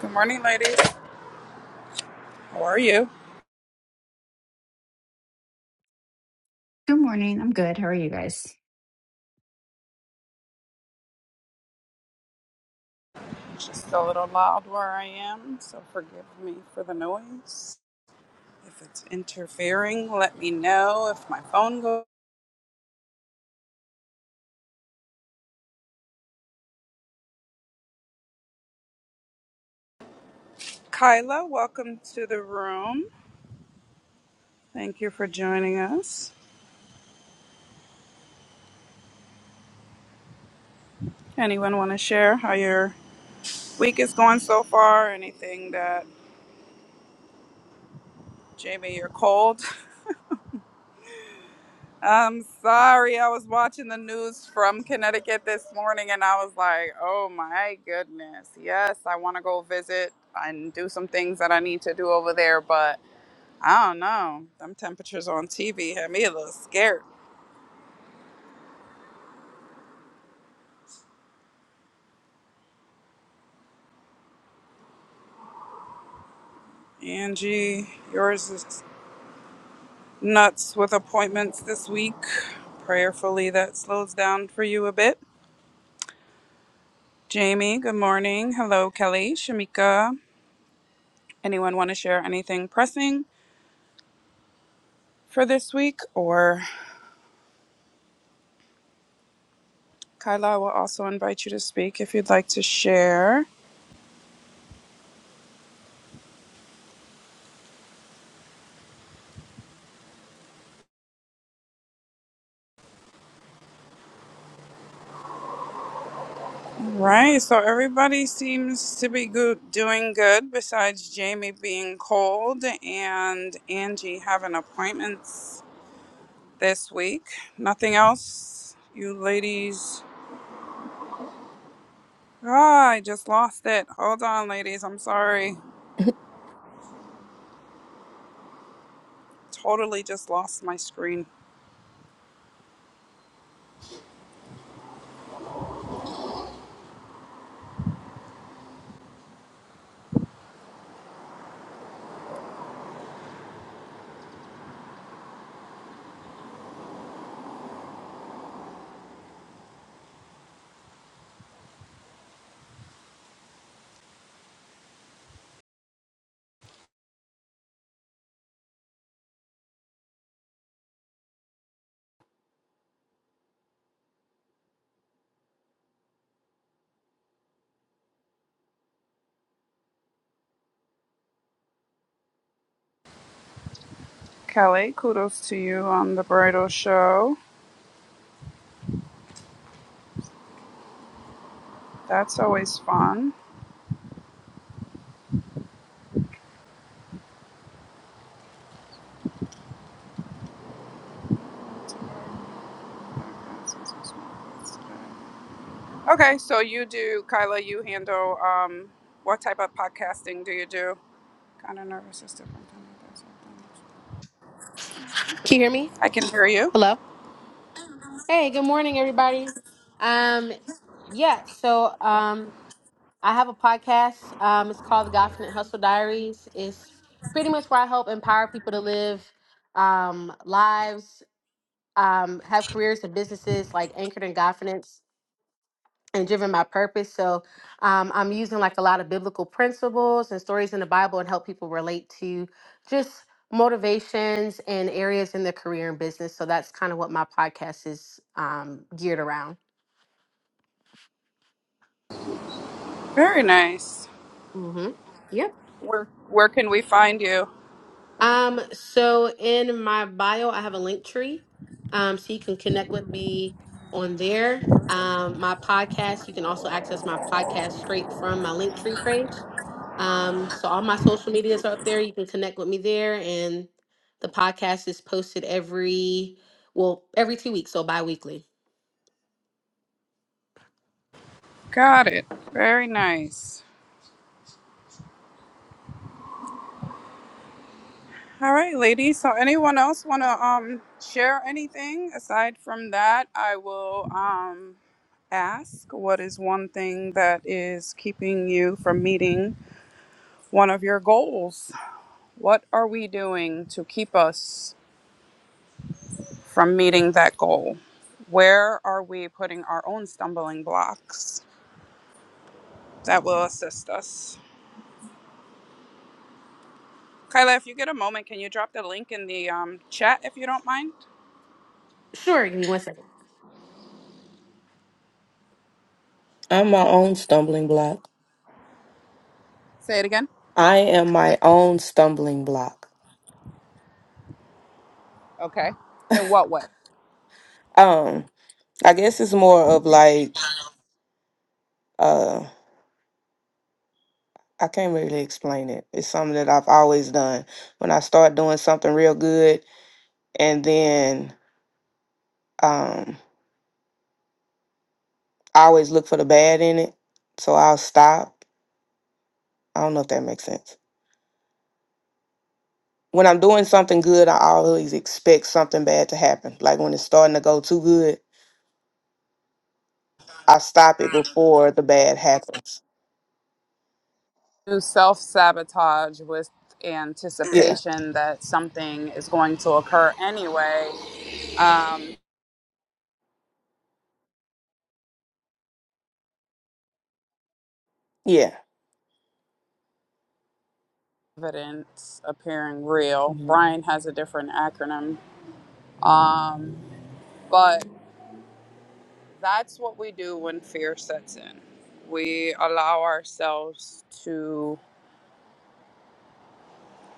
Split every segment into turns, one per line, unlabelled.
Good morning, ladies. How are you?
Good morning. I'm good. How are you guys?
It's just a little loud where I am, so forgive me for the noise. If it's interfering, let me know if my phone goes. Kyla, welcome to the room. Thank you for joining us. Anyone want to share how your week is going so far? Anything that, Jamie, you're cold? I'm sorry. I was watching the news from Connecticut this morning and I was like, oh my goodness. Yes, I want to go visit and do some things that I need to do over there, but I don't know. Them temperatures on TV had me a little scared. Angie, yours is nuts with appointments this week. Prayerfully, that slows down for you a bit. Jamie, good morning. Hello, Kelly, Shamika. Anyone want to share anything pressing for this week or? Kyla, will also invite you to speak if you'd like to share. All right, so everybody seems to be good, doing good besides Jamie being cold and Angie having appointments this week. Nothing else, you ladies. Ah, I just lost it. Hold on, ladies. I'm sorry. Totally just lost my screen. Kelly, kudos to you on the bridal show. That's always fun. Okay, so you do, Kyla, you handle um, what type of podcasting do you do? Kind of nervous system.
Can you hear me?
I can hear you.
Hello. Hey, good morning, everybody. Um, yeah. So, um, I have a podcast. Um, it's called The Godfinite Hustle Diaries. It's pretty much where I help empower people to live um lives, um, have careers and businesses like anchored in Godfinance. and driven by purpose. So um, I'm using like a lot of biblical principles and stories in the Bible and help people relate to just motivations and areas in their career and business. So that's kind of what my podcast is um, geared around.
Very nice.
Mm-hmm.
Where where can we find you?
Um, so in my bio, I have a link tree. Um, so you can connect with me on there. Um, my podcast, you can also access my podcast straight from my link tree page. Um, so all my social medias are up there. You can connect with me there. And the podcast is posted every, well, every two weeks, so bi-weekly.
Got it. Very nice. All right, ladies. So anyone else want to um share anything aside from that? I will um ask what is one thing that is keeping you from meeting one of your goals? What are we doing to keep us from meeting that goal? Where are we putting our own stumbling blocks that will assist us? Kyla, if you get a moment, can you drop the link in the um, chat if you don't mind?
Sure, give me one second.
I'm my own stumbling block.
Say it again.
I am my own stumbling block.
Okay. In what way?
Um, I guess it's more of like uh I can't really explain it. It's something that I've always done. When I start doing something real good and then um I always look for the bad in it. So I'll stop. I don't know if that makes sense. When I'm doing something good, I always expect something bad to happen. Like when it's starting to go too good, I stop it before the bad happens.
To self sabotage with
Yeah.
anticipation that something is going to occur anyway. Um,
Yeah.
evidence appearing real. Brian has a different acronym. Um, but That's what we do when fear sets in. We allow ourselves to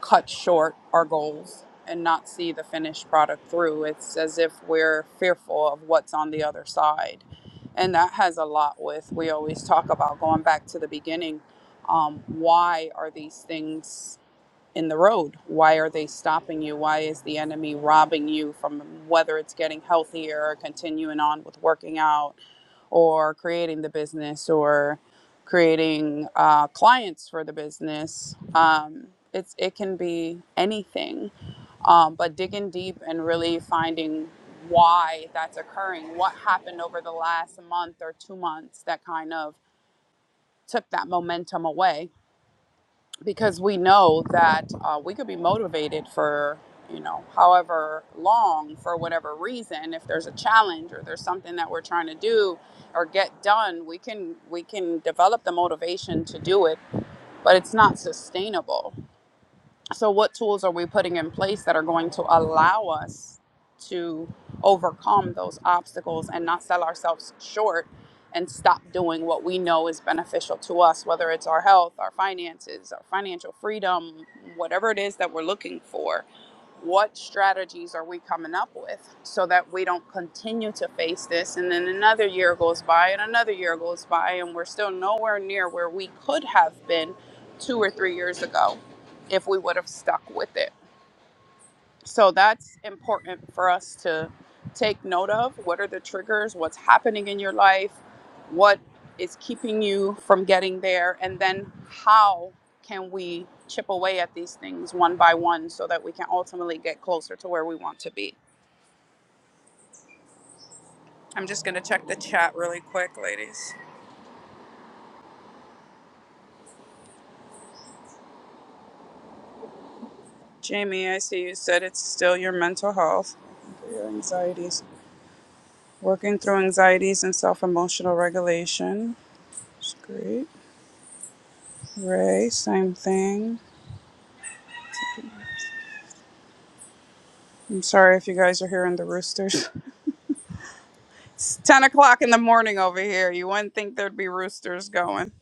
cut short our goals and not see the finished product through. It's as if we're fearful of what's on the other side. And that has a lot with, we always talk about going back to the beginning. Um, why are these things in the road? Why are they stopping you? Why is the enemy robbing you from whether it's getting healthier or continuing on with working out? or creating the business or creating uh, clients for the business. Um, it's it can be anything, um, but digging deep and really finding why that's occurring, what happened over the last month or two months that kind of took that momentum away because we know that uh, we could be motivated for you know however long for whatever reason if there's a challenge or there's something that we're trying to do or get done we can we can develop the motivation to do it but it's not sustainable so, what tools are we putting in place that are going to allow us to overcome those obstacles and not sell ourselves short and stop doing what we know is beneficial to us, whether it's our health, our finances, our financial freedom, whatever it is that we're looking for? what strategies are we coming up with so that we don't continue to face this and then another year goes by and another year goes by and we're still nowhere near where we could have been two or three years ago if we would have stuck with it so that's important for us to take note of. What are the triggers? What's happening in your life? What is keeping you from getting there? And then how can we chip away at these things one by one so that we can ultimately get closer to where we want to be? I'm just going to check the chat really quick, ladies. Jamie, I see you said it's still your mental health, your anxieties, working through anxieties and self emotional regulation. It's great. Ray, same thing. I'm sorry if you guys are hearing the roosters. It's 10 o'clock in the morning over here. You wouldn't think there'd be roosters going.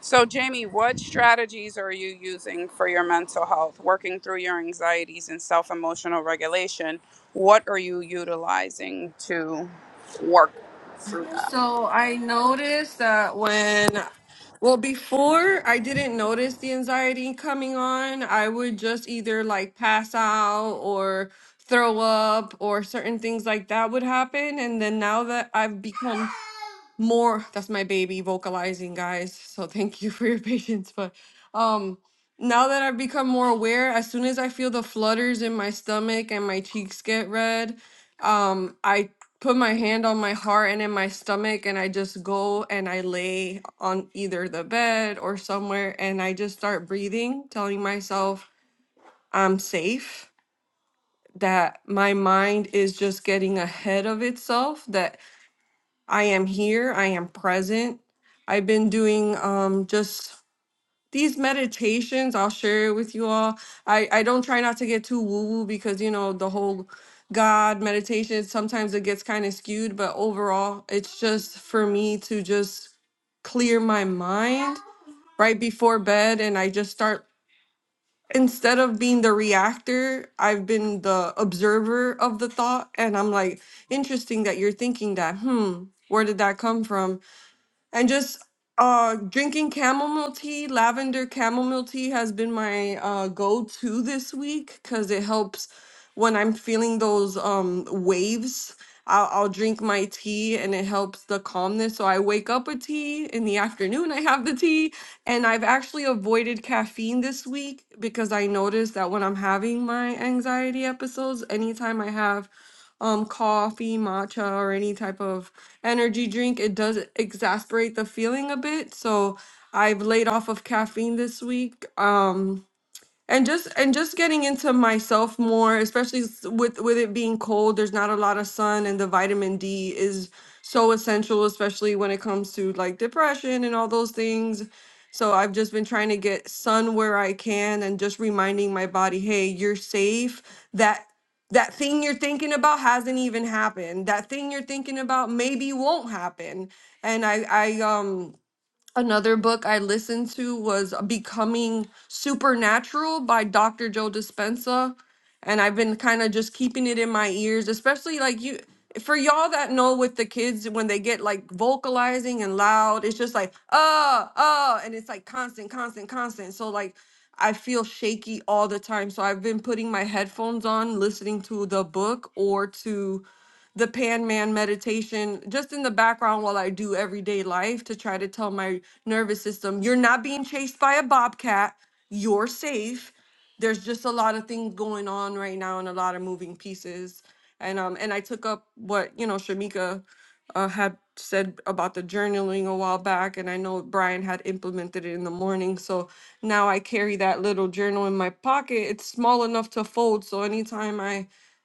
So, Jamie, what strategies are you using for your mental health, working through your anxieties and self emotional regulation? What are you utilizing to work through that?
So I noticed that when, well, before I didn't notice the anxiety coming on. I would just either like pass out or throw up or certain things like that would happen. And then now that I've become more that's my baby vocalizing guys so thank you for your patience but um now that i've become more aware as soon as i feel the flutters in my stomach and my cheeks get red um i put my hand on my heart and in my stomach and i just go and i lay on either the bed or somewhere and i just start breathing telling myself i'm safe that my mind is just getting ahead of itself that I am here. I am present. I've been doing um just these meditations. I'll share it with you all. I I don't try not to get too woo woo because you know the whole God meditation sometimes it gets kind of skewed, but overall it's just for me to just clear my mind right before bed and I just start instead of being the reactor, I've been the observer of the thought and I'm like interesting that you're thinking that. Hmm, where did that come from? and just uh drinking chamomile tea lavender chamomile tea has been my uh go-to this week because it helps when i'm feeling those um waves I'll, I'll drink my tea and it helps the calmness so i wake up with tea in the afternoon i have the tea and i've actually avoided caffeine this week because i noticed that when i'm having my anxiety episodes anytime i have um coffee matcha or any type of energy drink, it does exasperate the feeling a bit. So I've laid off of caffeine this week. Um, and just and just getting into myself more especially s- with with it being cold there's not a lot of sun and the vitamin d is so essential especially when it comes to like depression and all those things so i've just been trying to get sun where i can and just reminding my body hey you're safe that that thing you're thinking about hasn't even happened that thing you're thinking about maybe won't happen and i i um Another book I listened to was uh, Becoming Supernatural by Dr. Joe Dispenza. And I've been kind of just keeping it in my ears, especially like you for y'all that know with the kids when they get like vocalizing and loud, it's just like, uh, uh, and it's like constant, constant, constant. So like I feel shaky all the time. So I've been putting my headphones on, listening to the book or to the pan man meditation just in the background while I do everyday life to try to tell my nervous system, you're not being chased by a bobcat, you're safe. There's just a lot of things going on right now and a lot of moving pieces. And um and I took up what, you know, Shamika uh, had said about the journaling a while back and I know Brian had implemented it in the morning. So now I carry that little journal in my pocket. It's small enough to fold, so anytime I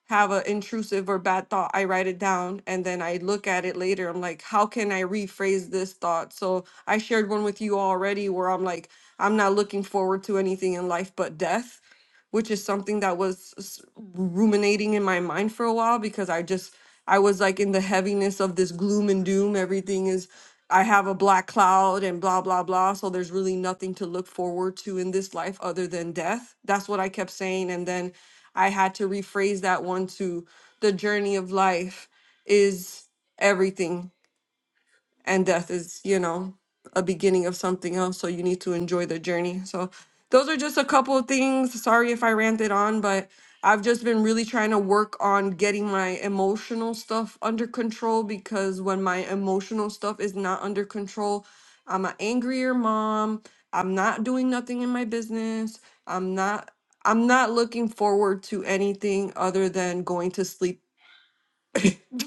have an intrusive or bad thought, I write it down and then I look at it later. I'm like, how can I rephrase this thought? So I shared one with you already where I'm like, I'm not looking forward to anything in life but death, which is something that was s- ruminating in my mind for a while because I just, I was like in the heaviness of this gloom and doom. Everything is, I have a black cloud and blah, blah, blah. So there's really nothing to look forward to in this life other than death. That's what I kept saying. And then I had to rephrase that one to the journey of life is everything and death is you know a beginning of something else so you need to enjoy the journey so those are just a couple of things sorry if i ranted on but i've just been really trying to work on getting my emotional stuff under control because when my emotional stuff is not under control i'm an angrier mom i'm not doing nothing in my business i'm not i'm not looking forward to anything other than going to sleep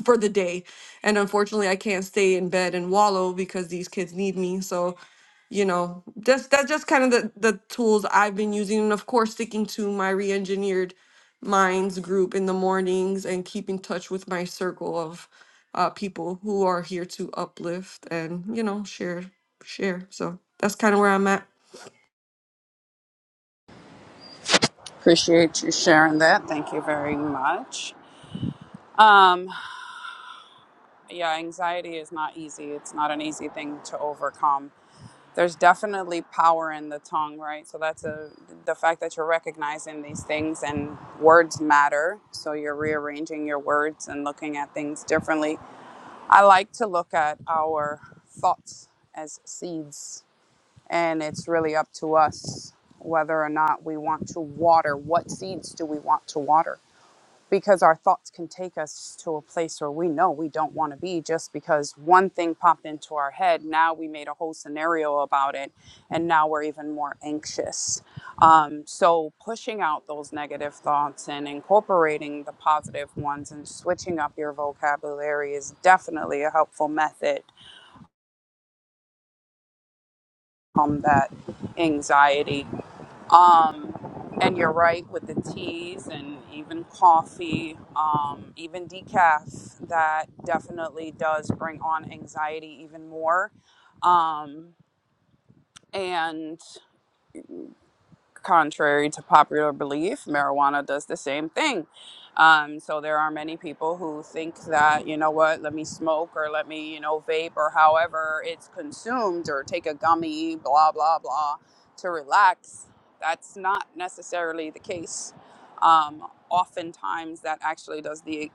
for the day. And unfortunately, I can't stay in bed and wallow because these kids need me. So, you know, just that's just kind of the, the tools I've been using. And of course, sticking to my re engineered minds group in the mornings and keep in touch with my circle of uh, people who are here to uplift and, you know, share, share. So that's kind of where I'm at.
Appreciate you sharing that. Thank you very much. Um, yeah, anxiety is not easy, it's not an easy thing to overcome there's definitely power in the tongue, right? So that's a the fact that you're recognizing these things and words matter. So you're rearranging your words and looking at things differently. I like to look at our thoughts as seeds, and it's really up to us whether or not we want to water. What seeds do we want to water? because our thoughts can take us to a place where we know we don't want to be just because one thing popped into our head. Now we made a whole scenario about it, and now we're even more anxious. Um, so, pushing out those negative thoughts and incorporating the positive ones and switching up your vocabulary is definitely a helpful method. Um, that anxiety Um, and you're right with the teas and even coffee, um, even decaf, that definitely does bring on anxiety even more. Um, and contrary to popular belief, marijuana does the same thing. Um, so there are many people who think that, you know what, let me smoke or let me, you know, vape or however it's consumed or take a gummy, blah, blah, blah, to relax. That's not necessarily the case. Um, oftentimes, that actually does the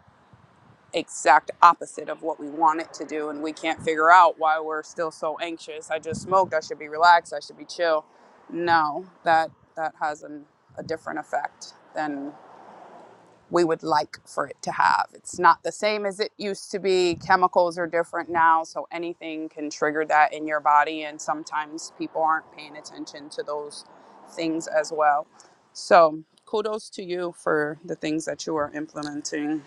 exact opposite of what we want it to do and we can't figure out why we're still so anxious i just smoked i should be relaxed i should be chill no that that has an, a different effect than we would like for it to have it's not the same as it used to be chemicals are different now so anything can trigger that in your body and sometimes people aren't paying attention to those things as well so kudos to you for the things that you are implementing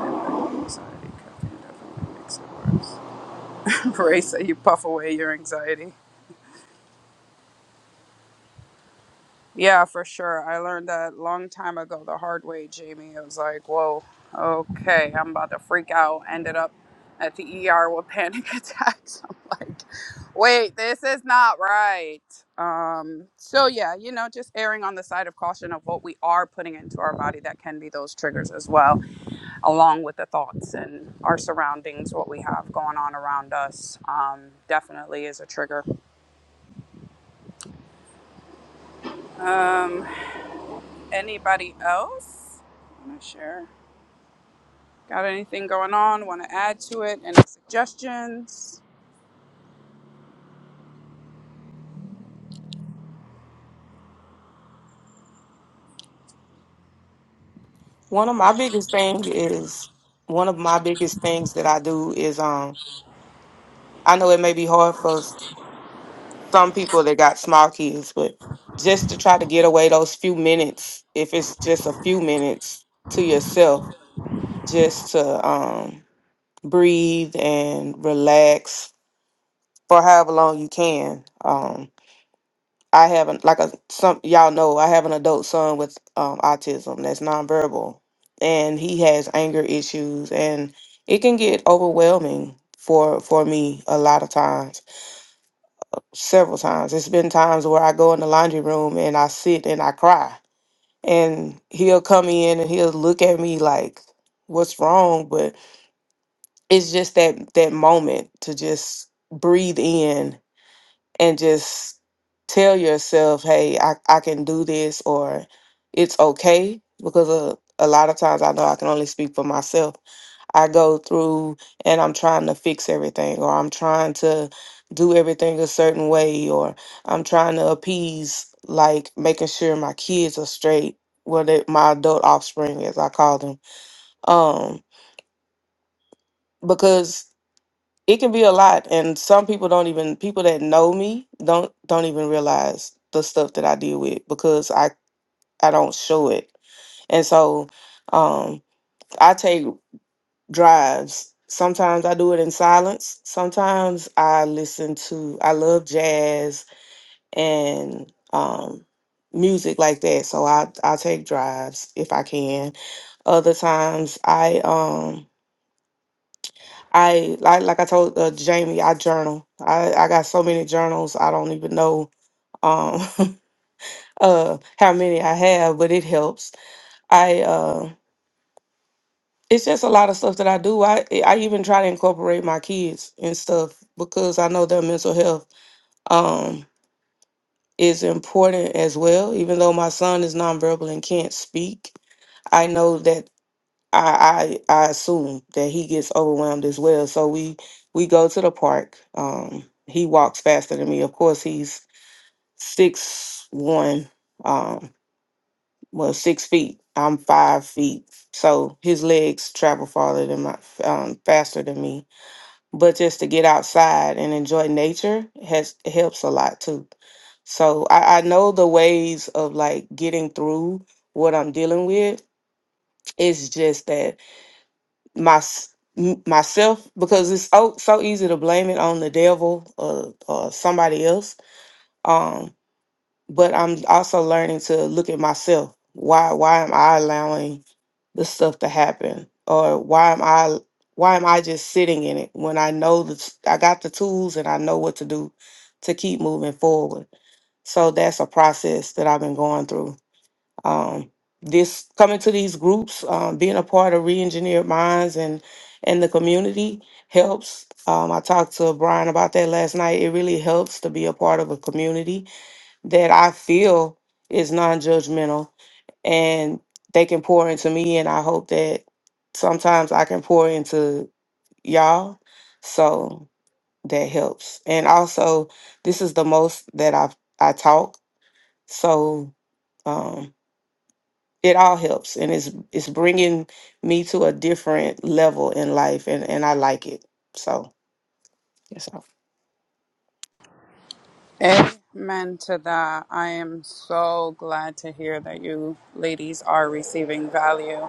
And my anxiety, caffeine definitely makes it worse. Race that you puff away your anxiety. Yeah, for sure. I learned that long time ago the hard way, Jamie. It was like, whoa, okay, I'm about to freak out. Ended up at the ER with panic attacks. I'm like, wait, this is not right. Um, so yeah, you know, just erring on the side of caution of what we are putting into our body that can be those triggers as well along with the thoughts and our surroundings, what we have going on around us, um, definitely is a trigger. Um, anybody else want to share? Got anything going on? Want to add to it? Any suggestions?
One of my biggest thing is one of my biggest things that I do is um I know it may be hard for s- some people that got small kids, but just to try to get away those few minutes, if it's just a few minutes to yourself, just to um breathe and relax for however long you can. um, I have an like a some y'all know I have an adult son with um, autism that's nonverbal, and he has anger issues, and it can get overwhelming for for me a lot of times. Several times, it's been times where I go in the laundry room and I sit and I cry, and he'll come in and he'll look at me like, "What's wrong?" But it's just that that moment to just breathe in and just tell yourself, hey, I, I can do this or it's okay. Because a, a lot of times I know I can only speak for myself. I go through and I'm trying to fix everything or I'm trying to do everything a certain way or I'm trying to appease, like making sure my kids are straight, well, they, my adult offspring, as I call them. Um, because it can be a lot and some people don't even people that know me don't don't even realize the stuff that I deal with because I I don't show it. And so um I take drives. Sometimes I do it in silence. Sometimes I listen to I love jazz and um music like that. So I I take drives if I can. Other times I um I like like I told uh, Jamie, I journal. I I got so many journals. I don't even know um uh how many I have, but it helps. I uh it's just a lot of stuff that I do. I I even try to incorporate my kids and stuff because I know their mental health um is important as well. Even though my son is nonverbal and can't speak, I know that I, I I assume that he gets overwhelmed as well. So we we go to the park. Um, he walks faster than me. Of course, he's six one, um, well six feet. I'm five feet, so his legs travel farther than my um, faster than me. But just to get outside and enjoy nature has helps a lot too. So I, I know the ways of like getting through what I'm dealing with. It's just that my s- m- myself because it's so so easy to blame it on the devil or or somebody else. Um, but I'm also learning to look at myself. Why why am I allowing the stuff to happen, or why am I why am I just sitting in it when I know that I got the tools and I know what to do to keep moving forward? So that's a process that I've been going through um, this coming to these groups, um, being a part of Reengineered Minds and and the community helps. Um, I talked to Brian about that last night. It really helps to be a part of a community that I feel is non-judgmental and they can pour into me and I hope that sometimes I can pour into y'all. So that helps. And also this is the most that I've I talk. So um, it all helps and it's it's bringing me to a different level in life and and I like it. So, yes.
Amen to that. I am so glad to hear that you ladies are receiving value.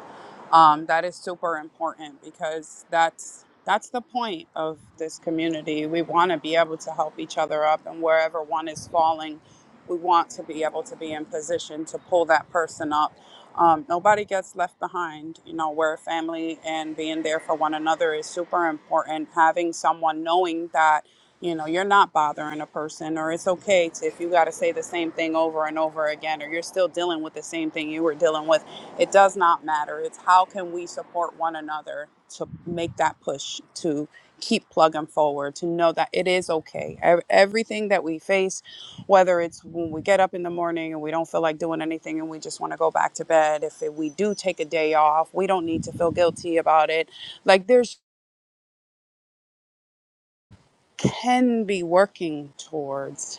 Um, that is super important because that's that's the point of this community. We want to be able to help each other up, and wherever one is falling, we want to be able to be in position to pull that person up. Um, nobody gets left behind. You know, we're a family, and being there for one another is super important. Having someone knowing that you know you're not bothering a person or it's okay to if you got to say the same thing over and over again or you're still dealing with the same thing you were dealing with it does not matter it's how can we support one another to make that push to keep plugging forward to know that it is okay Ev- everything that we face whether it's when we get up in the morning and we don't feel like doing anything and we just want to go back to bed if we do take a day off we don't need to feel guilty about it like there's can be working towards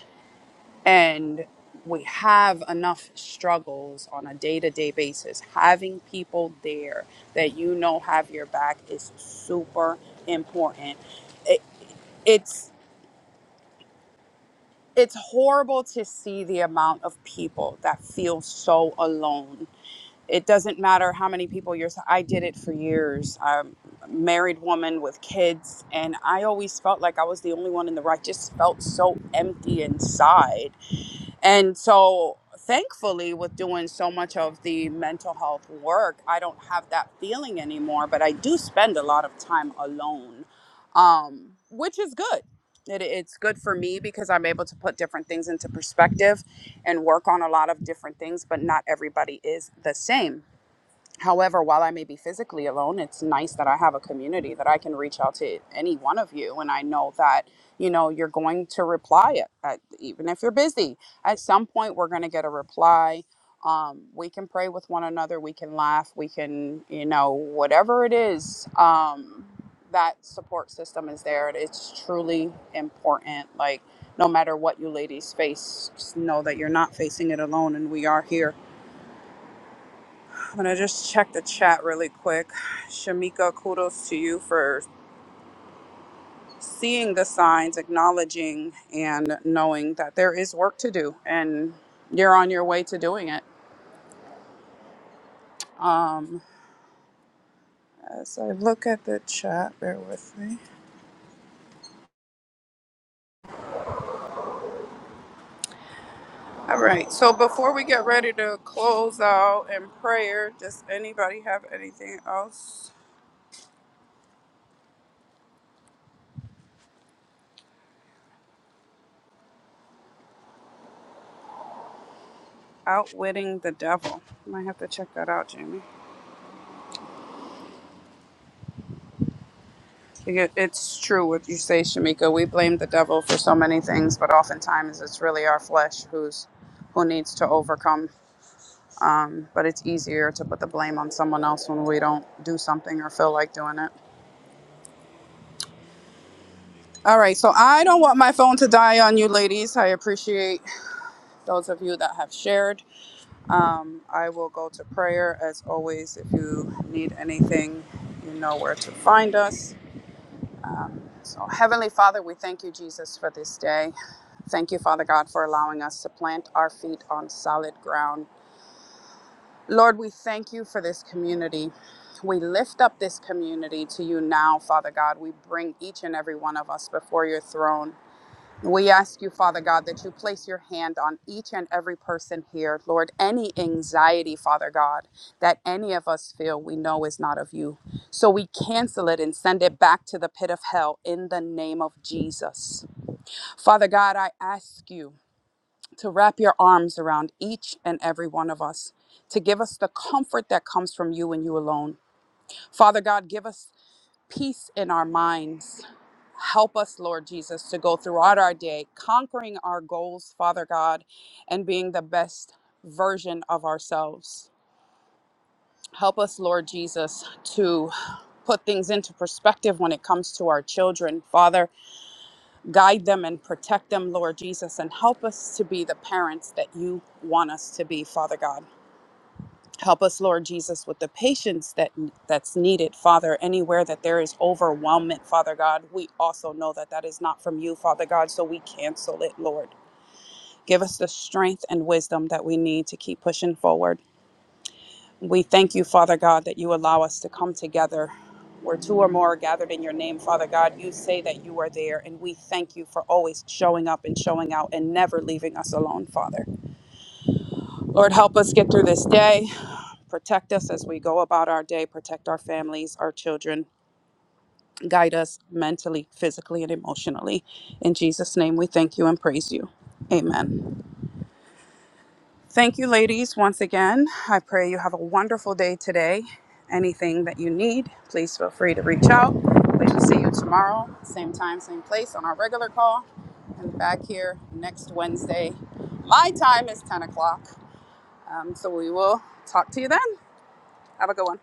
and we have enough struggles on a day-to-day basis having people there that you know have your back is super important it, it's it's horrible to see the amount of people that feel so alone it doesn't matter how many people you're i did it for years i'm a married woman with kids and i always felt like i was the only one in the right just felt so empty inside And so, thankfully, with doing so much of the mental health work, I don't have that feeling anymore, but I do spend a lot of time alone, um, which is good. It, it's good for me because I'm able to put different things into perspective and work on a lot of different things, but not everybody is the same. However, while I may be physically alone, it's nice that I have a community that I can reach out to any one of you. And I know that, you know, you're going to reply, at, at, even if you're busy. At some point, we're going to get a reply. Um, we can pray with one another. We can laugh. We can, you know, whatever it is, um, that support system is there. and It's truly important. Like, no matter what you ladies face, just know that you're not facing it alone. And we are here I'm gonna just check the chat really quick. Shamika, kudos to you for seeing the signs, acknowledging, and knowing that there is work to do, and you're on your way to doing it. Um, as I look at the chat, bear with me. All right, so before we get ready to close out in prayer, does anybody have anything else? Outwitting the devil. Might have to check that out, Jamie. Yeah, It's true what you say, Shamika. We blame the devil for so many things, but oftentimes it's really our flesh who's who needs to overcome. Um, but it's easier to put the blame on someone else when we don't do something or feel like doing it. All right, so I don't want my phone to die on you, ladies. I appreciate those of you that have shared. Um, I will go to prayer as always. If you need anything, you know where to find us. So, Heavenly Father, we thank you, Jesus, for this day. Thank you, Father God, for allowing us to plant our feet on solid ground. Lord, we thank you for this community. We lift up this community to you now, Father God. We bring each and every one of us before your throne. We ask you, Father God, that you place your hand on each and every person here. Lord, any anxiety, Father God, that any of us feel, we know is not of you. So we cancel it and send it back to the pit of hell in the name of Jesus. Father God, I ask you to wrap your arms around each and every one of us, to give us the comfort that comes from you and you alone. Father God, give us peace in our minds. Help us, Lord Jesus, to go throughout our day conquering our goals, Father God, and being the best version of ourselves. Help us, Lord Jesus, to put things into perspective when it comes to our children. Father, guide them and protect them, Lord Jesus, and help us to be the parents that you want us to be, Father God. Help us, Lord Jesus, with the patience that that's needed, Father. Anywhere that there is overwhelmment, Father God, we also know that that is not from you, Father God. So we cancel it, Lord. Give us the strength and wisdom that we need to keep pushing forward. We thank you, Father God, that you allow us to come together. Where two or more are gathered in your name, Father God, you say that you are there, and we thank you for always showing up and showing out and never leaving us alone, Father. Lord, help us get through this day. Protect us as we go about our day, protect our families, our children, guide us mentally, physically, and emotionally. In Jesus' name, we thank you and praise you. Amen. Thank you, ladies, once again. I pray you have a wonderful day today. Anything that you need, please feel free to reach out. We will see you tomorrow, same time, same place on our regular call. And back here next Wednesday. My time is 10 o'clock. Um, so we will talk to you then. Have a good one.